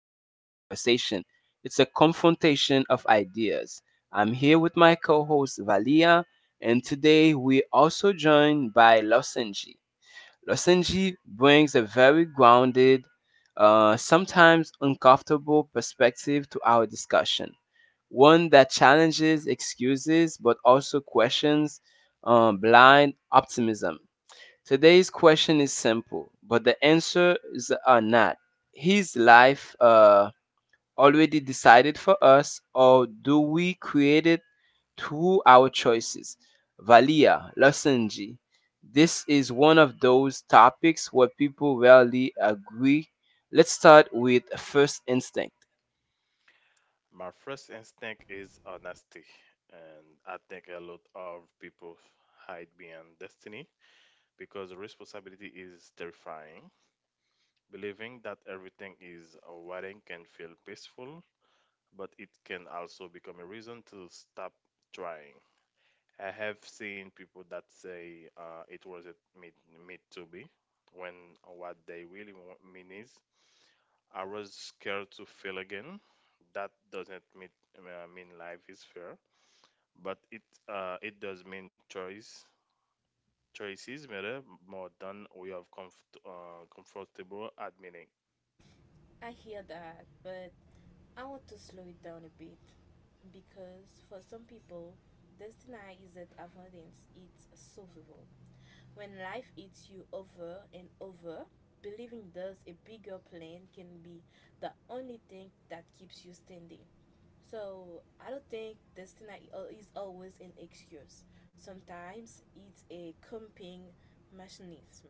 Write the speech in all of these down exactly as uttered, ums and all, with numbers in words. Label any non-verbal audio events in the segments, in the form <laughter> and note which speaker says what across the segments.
Speaker 1: conversation, it's a confrontation of ideas. I'm here with my co host Valia, and today we're also joined by Losenji. Losenji brings a very grounded, uh, sometimes uncomfortable perspective to our discussion, one that challenges excuses but also questions um, blind optimism. Today's question is simple, but the answers are not. Is life uh, already decided for us, or do we create it through our choices? Valia, Losenji. This is one of those topics where people rarely agree. Let's start with first instinct.
Speaker 2: My first instinct is honesty, and I think a lot of people hide behind destiny because responsibility is terrifying. Believing that everything is waiting can feel peaceful, but it can also become a reason to stop trying. I have seen people that say uh, it wasn't meant, meant to be, when what they really wa- mean is, I was scared to fail again. That doesn't mean, uh, mean life is fair, but it uh, it does mean choice. Choices matter more than we have comfort, uh, comfortable admitting.
Speaker 3: I hear that, but I want to slow it down a bit because for some people, destiny isn't avoidance, it's survival. When life eats you over and over, believing there's a bigger plan can be the only thing that keeps you standing. So I don't think destiny al- is always an excuse. Sometimes it's a coping mechanism.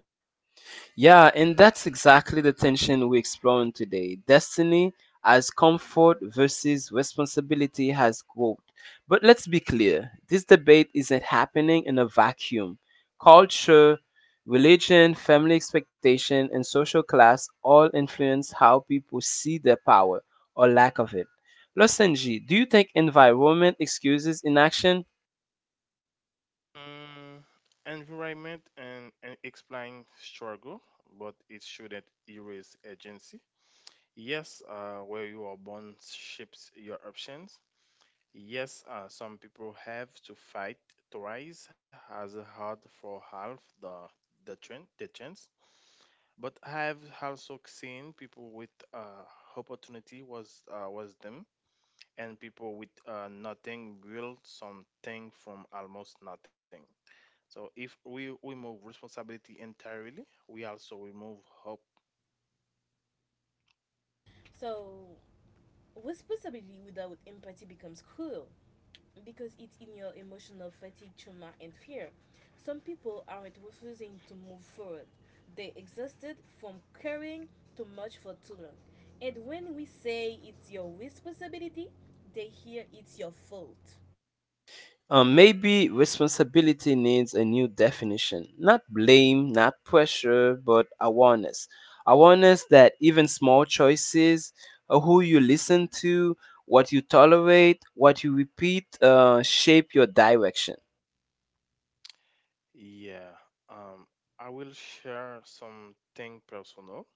Speaker 1: Yeah, and that's exactly the tension we're exploring today. Destiny as comfort versus responsibility has growth. But let's be clear, this debate isn't happening in a vacuum. Culture, religion, family expectation, and social class all influence how people see their power or lack of it. Losenji, do you think environment excuses inaction?
Speaker 2: Mm, Environment and, and explain struggle, but it shouldn't erase agency. Yes, uh, where you are born shapes your options. Yes, uh, some people have to fight twice as hard for half the the chance, the chance. But I have also seen people with uh, opportunity was uh, was them, and people with uh, nothing build something from almost nothing. So if we remove responsibility entirely, we also remove hope.
Speaker 3: So responsibility without empathy becomes cruel because it's in your emotional fatigue, trauma, and fear. Some people aren't refusing to move forward, they exhausted from carrying too much for too long. And when we say it's your responsibility, they hear it's your fault.
Speaker 1: Uh, maybe responsibility needs a new definition. Not blame, not pressure, but awareness. Awareness that even small choices, uh, who you listen to, what you tolerate, what you repeat, uh, shape your direction.
Speaker 2: Yeah. Um, I will share something personal.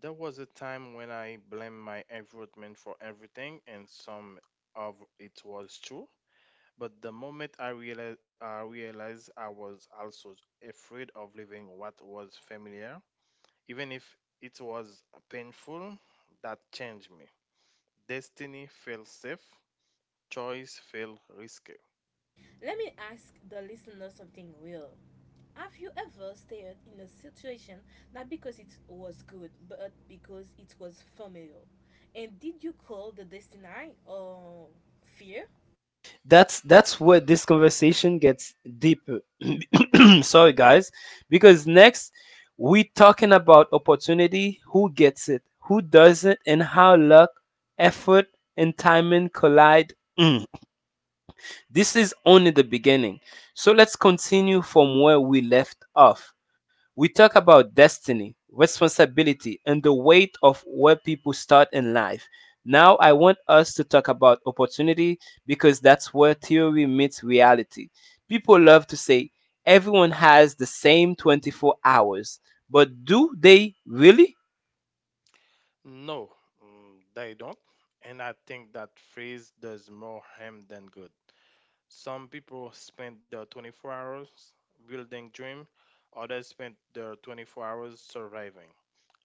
Speaker 2: There was a time when I blamed my environment for everything, and some of it was true. But the moment I realized, I realized I was also afraid of leaving what was familiar, even if it was painful, that changed me. Destiny felt safe, choice felt risky.
Speaker 3: Let me ask the listener something real. Have you ever stayed in a situation not because it was good, but because it was familiar? And did you call the destiny or fear?
Speaker 1: that's that's where this conversation gets deeper. <clears throat> Sorry guys, because next we talking about opportunity, who gets it, who doesn't, and how luck, effort, and timing collide. Mm. This is only the beginning. So let's continue from where we left off. We talk about destiny, responsibility, and the weight of where people start in life. Now, I want us to talk about opportunity because that's where theory meets reality. People love to say everyone has the same twenty-four hours, but do they really?
Speaker 2: No, mm, they don't. And I think that phrase does more harm than good. Some people spend the twenty-four hours building dream, others spend the twenty-four hours surviving,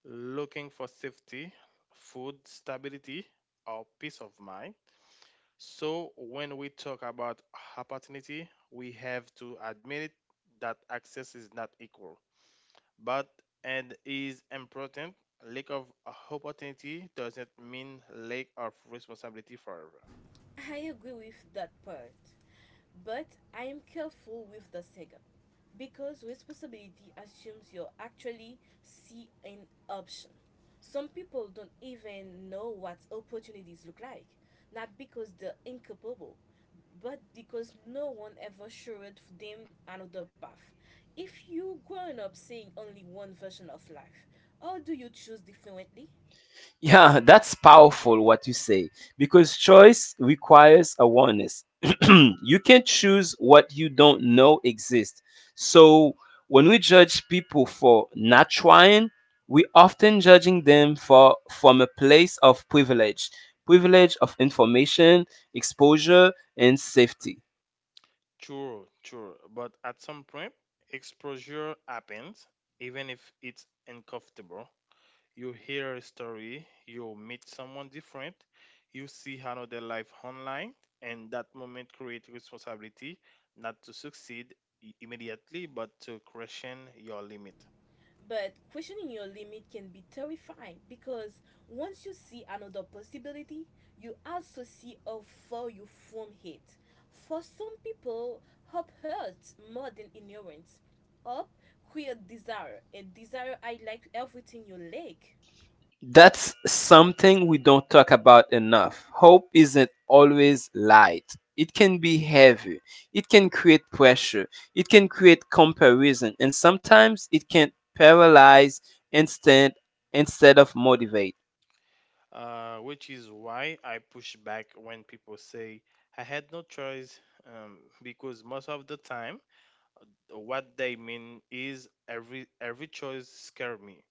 Speaker 2: looking for safety, food stability, or peace of mind. So when we talk about opportunity, we have to admit it that access is not equal, but and is important. Lack of opportunity doesn't mean lack of responsibility forever.
Speaker 3: I agree with that part, but I am careful with the second because responsibility assumes you actually see an option. Some people don't even know what opportunities look like, not because they're incapable, but because no one ever showed them another path. If you growing up seeing only one version of life, how do you choose differently?
Speaker 1: Yeah, that's powerful what you say because choice requires awareness. <clears throat> You can't choose what you don't know exists. So when we judge people for not trying, we often judging them for from a place of privilege, privilege of information, exposure, and safety.
Speaker 2: True, true. But at some point, exposure happens, even if it's uncomfortable. You hear a story, you meet someone different, you see another life online, and that moment creates responsibility not to succeed i- immediately, but to question your limit.
Speaker 3: But questioning your limit can be terrifying because once you see another possibility, you also see how far you from it. For some people, hope hurts more than ignorance. Hope creates desire, and desire highlights everything you lack.
Speaker 1: That's something we don't talk about enough. Hope isn't always light. It can be heavy. It can create pressure. It can create comparison. And sometimes it can paralyze instead instead of motivate.
Speaker 2: Uh, which is why I push back when people say I had no choice, um, because most of the time what they mean is every every choice scare me.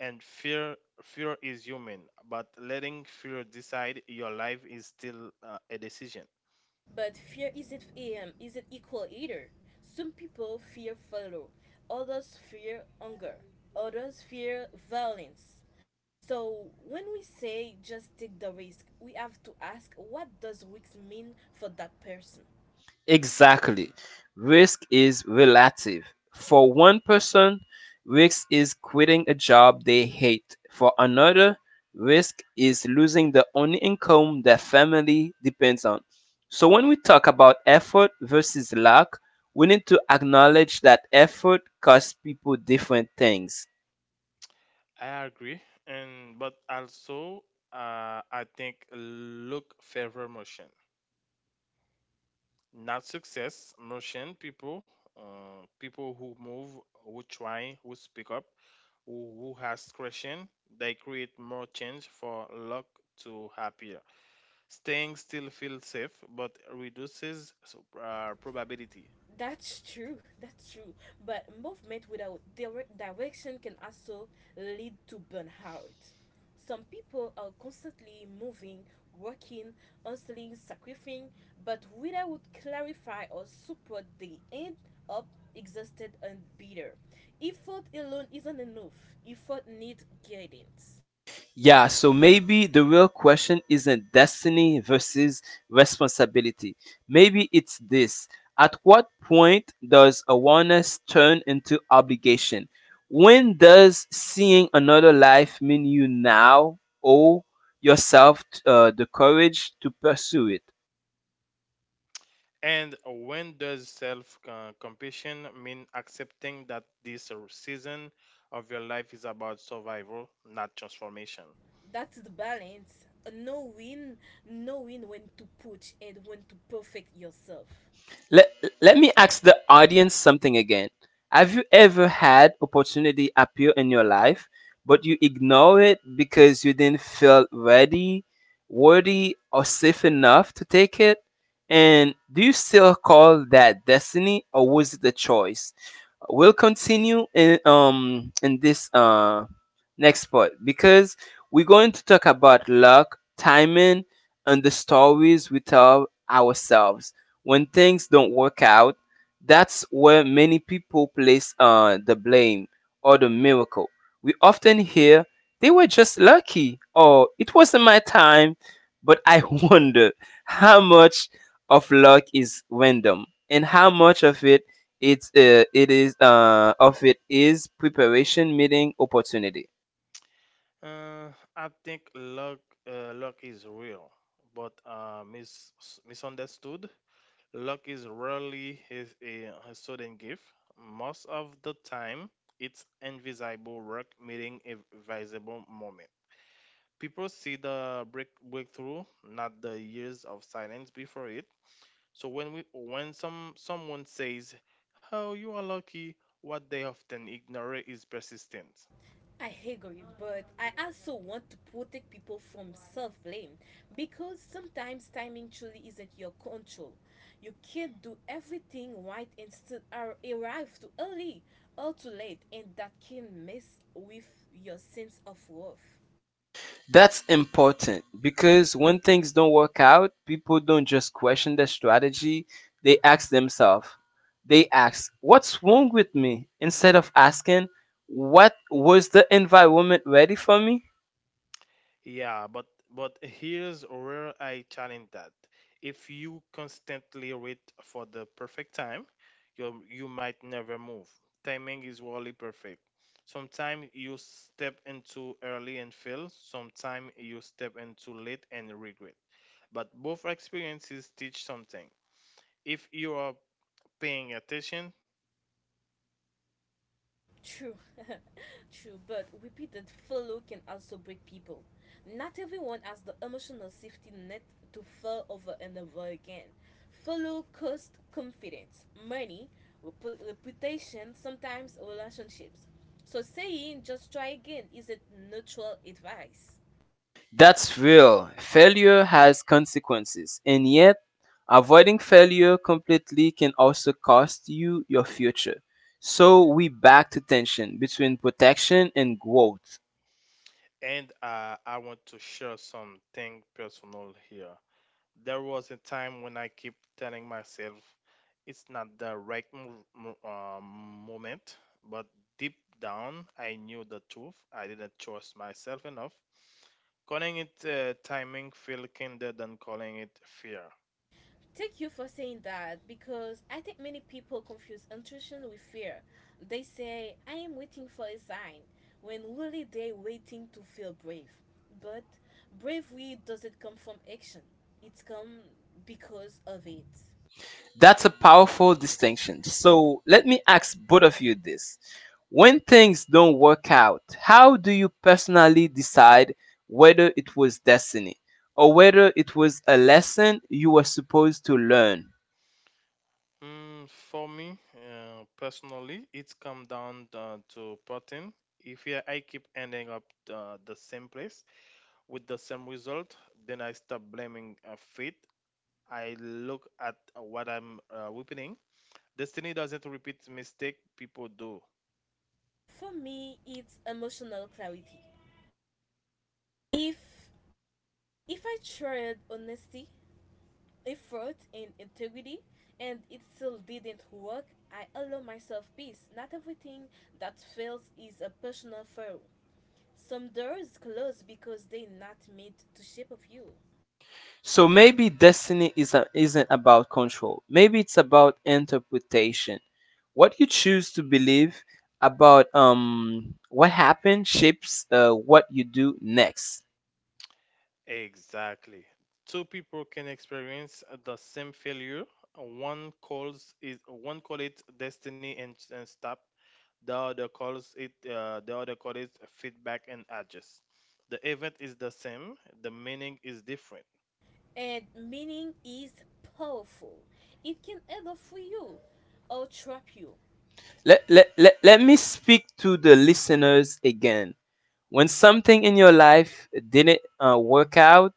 Speaker 2: And fear fear is human, but letting fear decide your life is still uh, a decision.
Speaker 3: But fear isn't um, isn't equal either. Some people fear follow. Others fear hunger, others fear violence. So, when we say just take the risk, we have to ask what does risk mean for that person?
Speaker 1: Exactly. Risk is relative. For one person, risk is quitting a job they hate. For another, risk is losing the only income their family depends on. So, when we talk about effort versus luck, we need to acknowledge that effort costs people different things.
Speaker 2: I agree, and but also uh, I think look favor motion, not success. Motion people, uh, people who move, who try, who speak up, who, who has question, they create more change for luck to happier. Staying still feels safe but reduces so- uh, probability.
Speaker 3: That's true, <laughs> that's true. But movement without dire- direction can also lead to burnout. Some people are constantly moving, working, hustling, sacrificing, but without clarify or support, they end up exhausted and bitter. Effort alone isn't enough. Effort needs guidance.
Speaker 1: Yeah, so maybe the real question isn't destiny versus responsibility. Maybe it's this: at what point does awareness turn into obligation? When does seeing another life mean you now owe yourself uh, the courage to pursue it?
Speaker 2: And when does self uh, compassion mean accepting that this uh, season of your life is about survival, not transformation?
Speaker 3: That's the balance, knowing knowing when to push and when to perfect yourself.
Speaker 1: Let Let me ask the audience something again. Have you ever had opportunity appear in your life, but you ignore it because you didn't feel ready, worthy, or safe enough to take it? And do you still call that destiny, or was it a choice? We'll continue in um in this uh next part because we're going to talk about luck, timing, and the stories we tell ourselves when things don't work out. That's where many people place uh, the blame or the miracle. We often hear they were just lucky or it wasn't my time, but I <laughs> wonder how much of luck is random and how much of it it's uh, it is uh, of it is preparation meeting opportunity.
Speaker 2: Uh, I think luck, uh, luck is real, but uh, mis- misunderstood. Luck is rarely is a, a sudden gift. Most of the time, it's invisible work meeting a visible moment. People see the break breakthrough, not the years of silence before it. So when we when some someone says, "Oh, you are lucky," what they often ignore is persistence.
Speaker 3: I agree, but I also want to protect people from self-blame because sometimes timing truly isn't your control. You can't do everything right and still ar- arrive too early or too late, and that can mess with your sense of worth.
Speaker 1: That's important because when things don't work out, people don't just question their strategy, they ask themselves. They ask, "What's wrong with me?" instead of asking, "What was the environment ready for me?"
Speaker 2: Yeah, but but here's where I challenge that. If you constantly wait for the perfect time, you you might never move. Timing is rarely perfect. Sometimes you step into early and fail. Sometimes you step into late and regret, but both experiences teach something if you are paying attention.
Speaker 3: True, <laughs> true, but repeated follow can also break people. Not everyone has the emotional safety net to fall over and over again. Follow cost confidence, money, repu- reputation, sometimes relationships. So saying just try again isn't neutral advice.
Speaker 1: That's real. Failure has consequences, and yet, avoiding failure completely can also cost you your future. So, we back to tension between protection and growth.
Speaker 2: And uh, I want to share something personal here. There was a time when I keep telling myself it's not the right mo- mo- um, moment, but deep down I knew the truth. I didn't trust myself enough. Calling it uh, timing feel kinder than calling it fear.
Speaker 3: Thank you for saying that because I think many people confuse intuition with fear. They say, I am waiting for a sign, when really they're waiting to feel brave. But bravery doesn't come from action, it's come because of it.
Speaker 1: That's a powerful distinction. So let me ask both of you this. When things don't work out, how do you personally decide whether it was destiny or whether it was a lesson you were supposed to learn?
Speaker 2: Mm, for me, uh, personally, it's come down uh, to pattern. If yeah, I keep ending up uh, the same place with the same result, then I stop blaming uh, fate. I look at what I'm uh, repeating. Destiny doesn't repeat mistake people do.
Speaker 3: For me, it's emotional clarity. If if I tried honesty, effort and integrity and it still didn't work, I allow myself peace. Not everything that fails is a personal flaw. Some doors close because they're not meant to shape of you.
Speaker 1: So maybe destiny is a, isn't about control. Maybe it's about interpretation. What you choose to believe about um, what happened shapes uh, what you do next.
Speaker 2: Exactly. Two people can experience the same failure. One calls is one call it destiny and, and stop. The other calls it uh, the other calls it feedback and adjust. The event is the same, the meaning is different.
Speaker 3: And meaning is powerful. It can either free you or trap you.
Speaker 1: let, let, let, let me speak to the listeners again. When something in your life didn't uh, work out,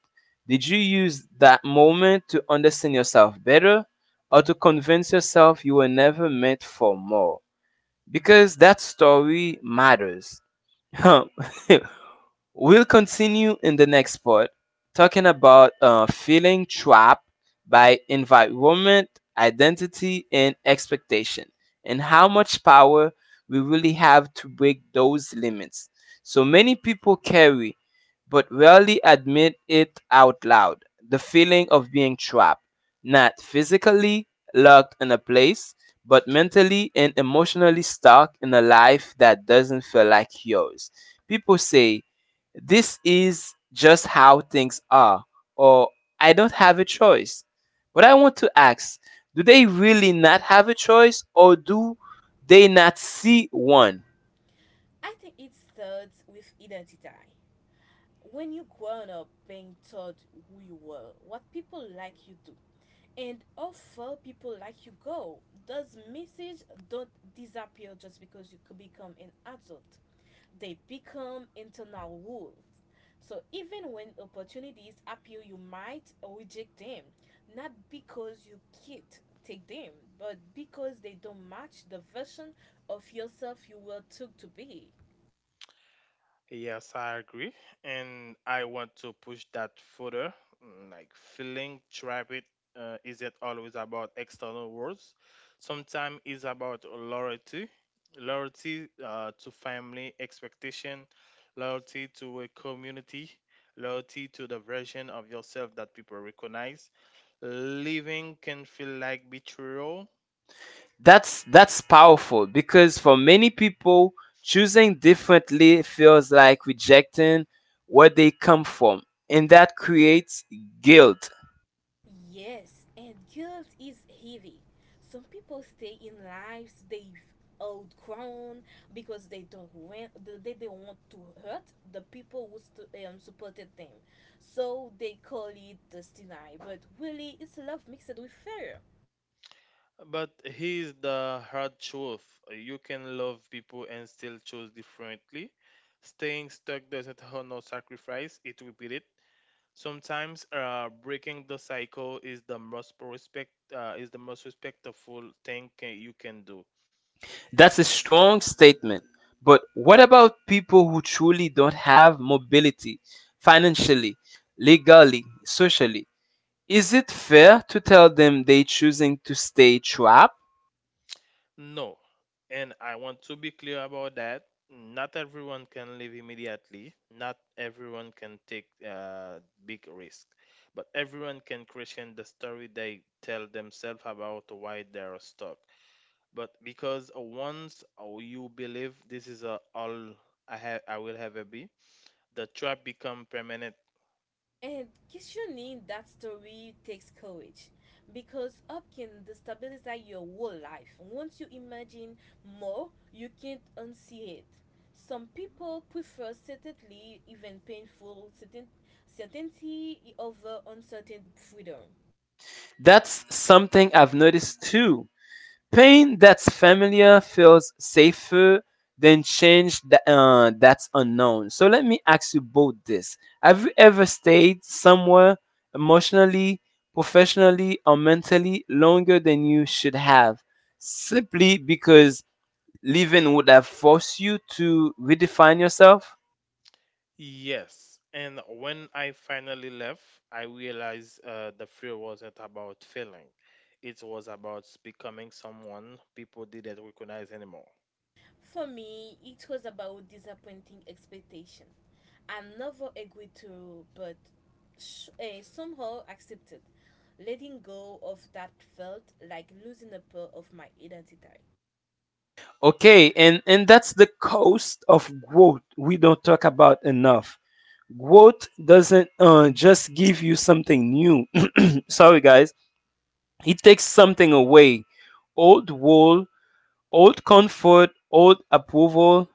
Speaker 1: did you use that moment to understand yourself better or to convince yourself you were never meant for more? Because that story matters. <laughs> Huh? <laughs> We'll continue in the next part talking about uh, feeling trapped by environment, identity, and expectation, and how much power we really have to break those limits. So many people carry, but rarely admit it out loud, the feeling of being trapped, not physically locked in a place, but mentally and emotionally stuck in a life that doesn't feel like yours. People say, "This is just how things are," or "I don't have a choice." But I want to ask, do they really not have a choice, or do they not see one?
Speaker 3: I think it starts with identity. When you grown up being told who you were, what people like you do, and how far people like you go, those messages don't disappear just because you could become an adult. They become internal rules. So even when opportunities appear, you might reject them, not because you can't take them, but because they don't match the version of yourself you were took to be.
Speaker 2: Yes, I agree, and I want to push that further. Mm, like feeling trapped uh, isn't always about external words. Sometimes it's about loyalty, loyalty uh, to family expectation, loyalty to a community, loyalty to the version of yourself that people recognize. Living can feel like betrayal,
Speaker 1: That's that's powerful because for many people choosing differently feels like rejecting where they come from, and that creates guilt.
Speaker 3: Yes, and guilt is heavy. Some people stay in lives they've outgrown because they don't want they don't want to hurt the people who st- um, supported them. So they call it destiny, but really it's love mixed with fear.
Speaker 2: but here's the hard truth: you can love people and still choose differently. Staying stuck doesn't honor sacrifice, it repeats it. Sometimes uh, breaking the cycle is the most respect uh, is the most respectful thing ca- you can do.
Speaker 1: That's a strong statement. But what about people who truly don't have mobility financially, legally, socially? Is it fair to tell them they choosing to stay trapped?
Speaker 2: No, and I want to be clear about that. Not everyone can leave immediately. Not everyone can take uh, big risk, but everyone can question the story they tell themselves about why they are stuck. But because once you believe this is a all I have, I will ever be, the trap become permanent.
Speaker 3: And questioning that story takes courage because up can destabilize your whole life. Once you imagine more, you can't unsee it. Some people prefer certainly, even painful, certain, certainty over uncertain freedom.
Speaker 1: That's something I've noticed too. Pain that's familiar feels safer than change that, uh, that's unknown. So let me ask you both this. Have you ever stayed somewhere emotionally, professionally, or mentally longer than you should have simply because living would have forced you to redefine yourself?
Speaker 2: Yes, and when I finally left, I realized uh, the fear wasn't about failing. It was about becoming someone people didn't recognize anymore.
Speaker 3: For me, it was about disappointing expectation. I never agreed to, but sh- eh, somehow accepted. Letting go of that felt like losing a part of my identity.
Speaker 1: Okay, and, and that's the cost of growth we don't talk about enough. Growth doesn't uh, just give you something new. Sorry guys, it takes something away: old wool, old comfort, old approval.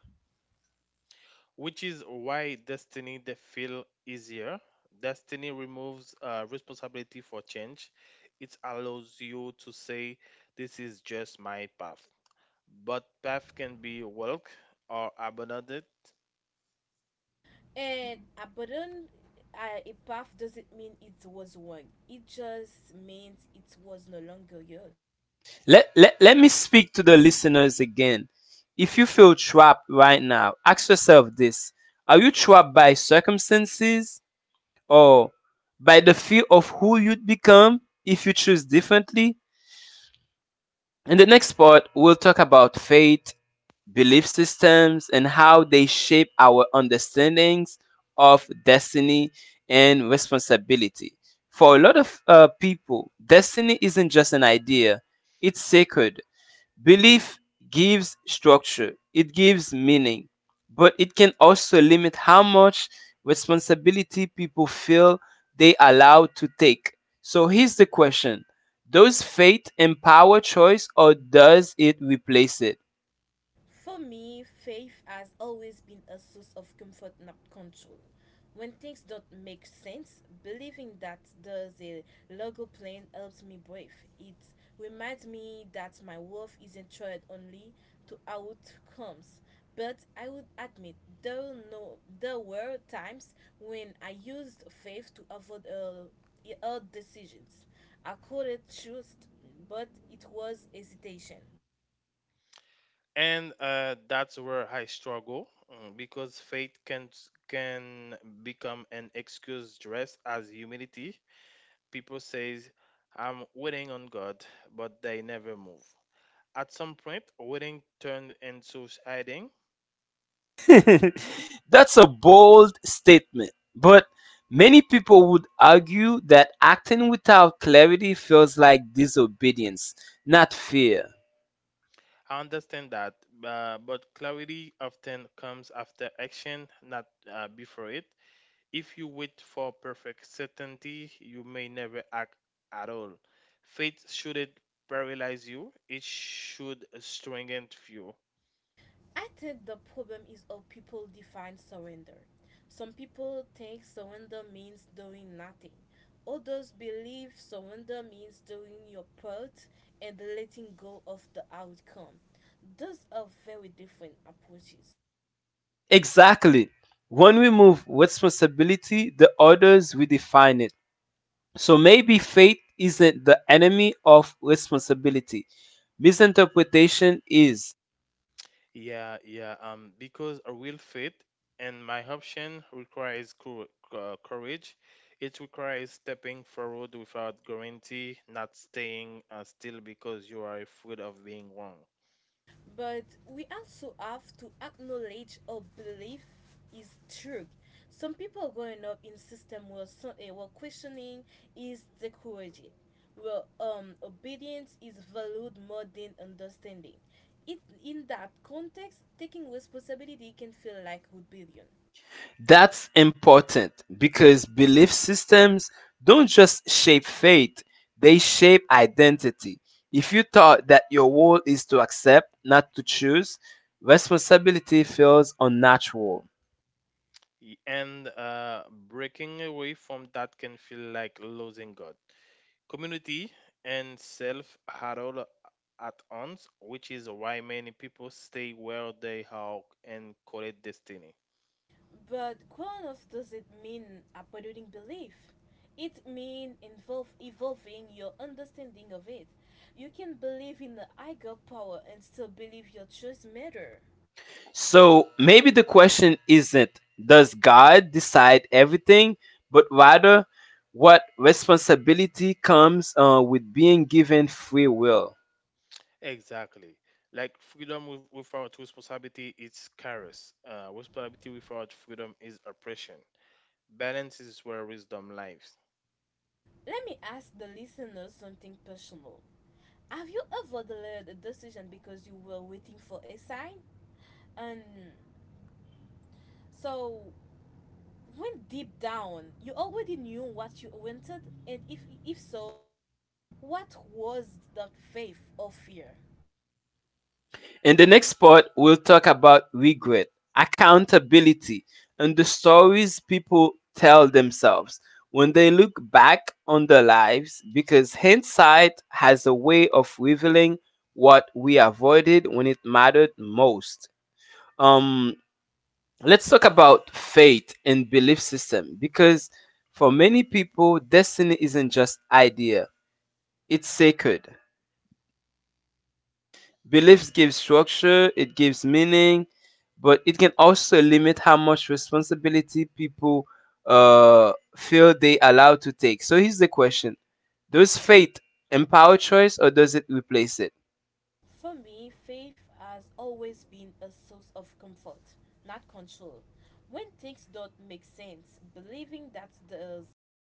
Speaker 2: Which is why destiny they feel easier. Destiny removes uh, responsibility for change. It allows you to say, "This is just my path." But path can be walked or abandoned.
Speaker 3: And abandon uh, a path doesn't mean it was wrong. It just means it was no longer yours.
Speaker 1: Let, let, let me speak to the listeners again. If you feel trapped right now, ask yourself this: are you trapped by circumstances or by the fear of who you'd become if you choose differently? In the next part, we'll talk about fate, belief systems, and how they shape our understandings of destiny and responsibility. For a lot of uh, people, destiny isn't just an idea, it's sacred. Belief gives structure, it gives meaning, but it can also limit how much responsibility people feel they allow to take. So here's the question: does faith empower choice, or does it replace it?
Speaker 3: For me, faith has always been a source of comfort, not control. When things don't make sense, believing that there's a logo plane helps me breathe. It reminds me that my worth isn't tied only to outcomes. But I would admit there were no there were times when I used faith to avoid uh, hard decisions. I could have chosen, but it was hesitation.
Speaker 2: And uh, That's where I struggle, mm, because faith can s- can become an excuse dressed as humility. People says I'm waiting on God, but they never move. At some point, waiting turned into hiding.
Speaker 1: <laughs> That's a bold statement, but many people would argue that acting without clarity feels like disobedience, not fear.
Speaker 2: I understand that, uh, but clarity often comes after action, not uh, before it. If you wait for perfect certainty, you may never act at all. Faith shouldn't paralyze you, it should strengthen you.
Speaker 3: I think the problem is how people define surrender. Some people think surrender means doing nothing. Others believe surrender means doing your part and letting go of the outcome. Those are very different approaches.
Speaker 1: Exactly. When we move responsibility, the others we define it. So maybe faith isn't the enemy of responsibility. Misinterpretation is.
Speaker 2: Yeah, yeah, um, because a real faith and my option requires cour- uh, courage. It requires stepping forward without guarantee, not staying uh, still because you are afraid of being wrong.
Speaker 3: But we also have to acknowledge our belief is true. Some people growing up in system were so, eh, were questioning is discouraged. Well, um, obedience is valued more than understanding. It, in that context, taking responsibility can feel like rebellion.
Speaker 1: That's important because belief systems don't just shape faith, they shape identity. If you thought that your role is to accept, not to choose, responsibility feels unnatural.
Speaker 2: Y- And uh, Breaking away from that can feel like losing God, community and self are all at once, which is why many people stay where they are and call it destiny.
Speaker 3: But Quanos doesn't mean uprooting belief. It means involve evolving your understanding of it. You can believe in the higher power and still believe your choice matter.
Speaker 1: So maybe the question isn't does God decide everything, but rather what responsibility comes uh, with being given free will?
Speaker 2: Exactly. Like freedom with- without responsibility is chaos. Uh, responsibility without freedom is oppression. Balance is where wisdom lives.
Speaker 3: Let me ask the listeners something personal. Have you ever delayed a decision because you were waiting for a sign? And so, when deep down you already knew what you wanted, and if if so, what was that, faith or fear?
Speaker 1: In the next part, we'll talk about regret, accountability, and the stories people tell themselves when they look back on their lives because hindsight has a way of revealing what we avoided when it mattered most. Um, let's talk about faith and belief system because for many people, destiny isn't just idea, it's sacred. Beliefs give structure, it gives meaning, but it can also limit how much responsibility people uh, feel they allowed to take. So here's the question: does faith empower choice, or does it replace it?
Speaker 3: For me, faith has always been a source of comfort, not control. When things don't make sense, believing that there's a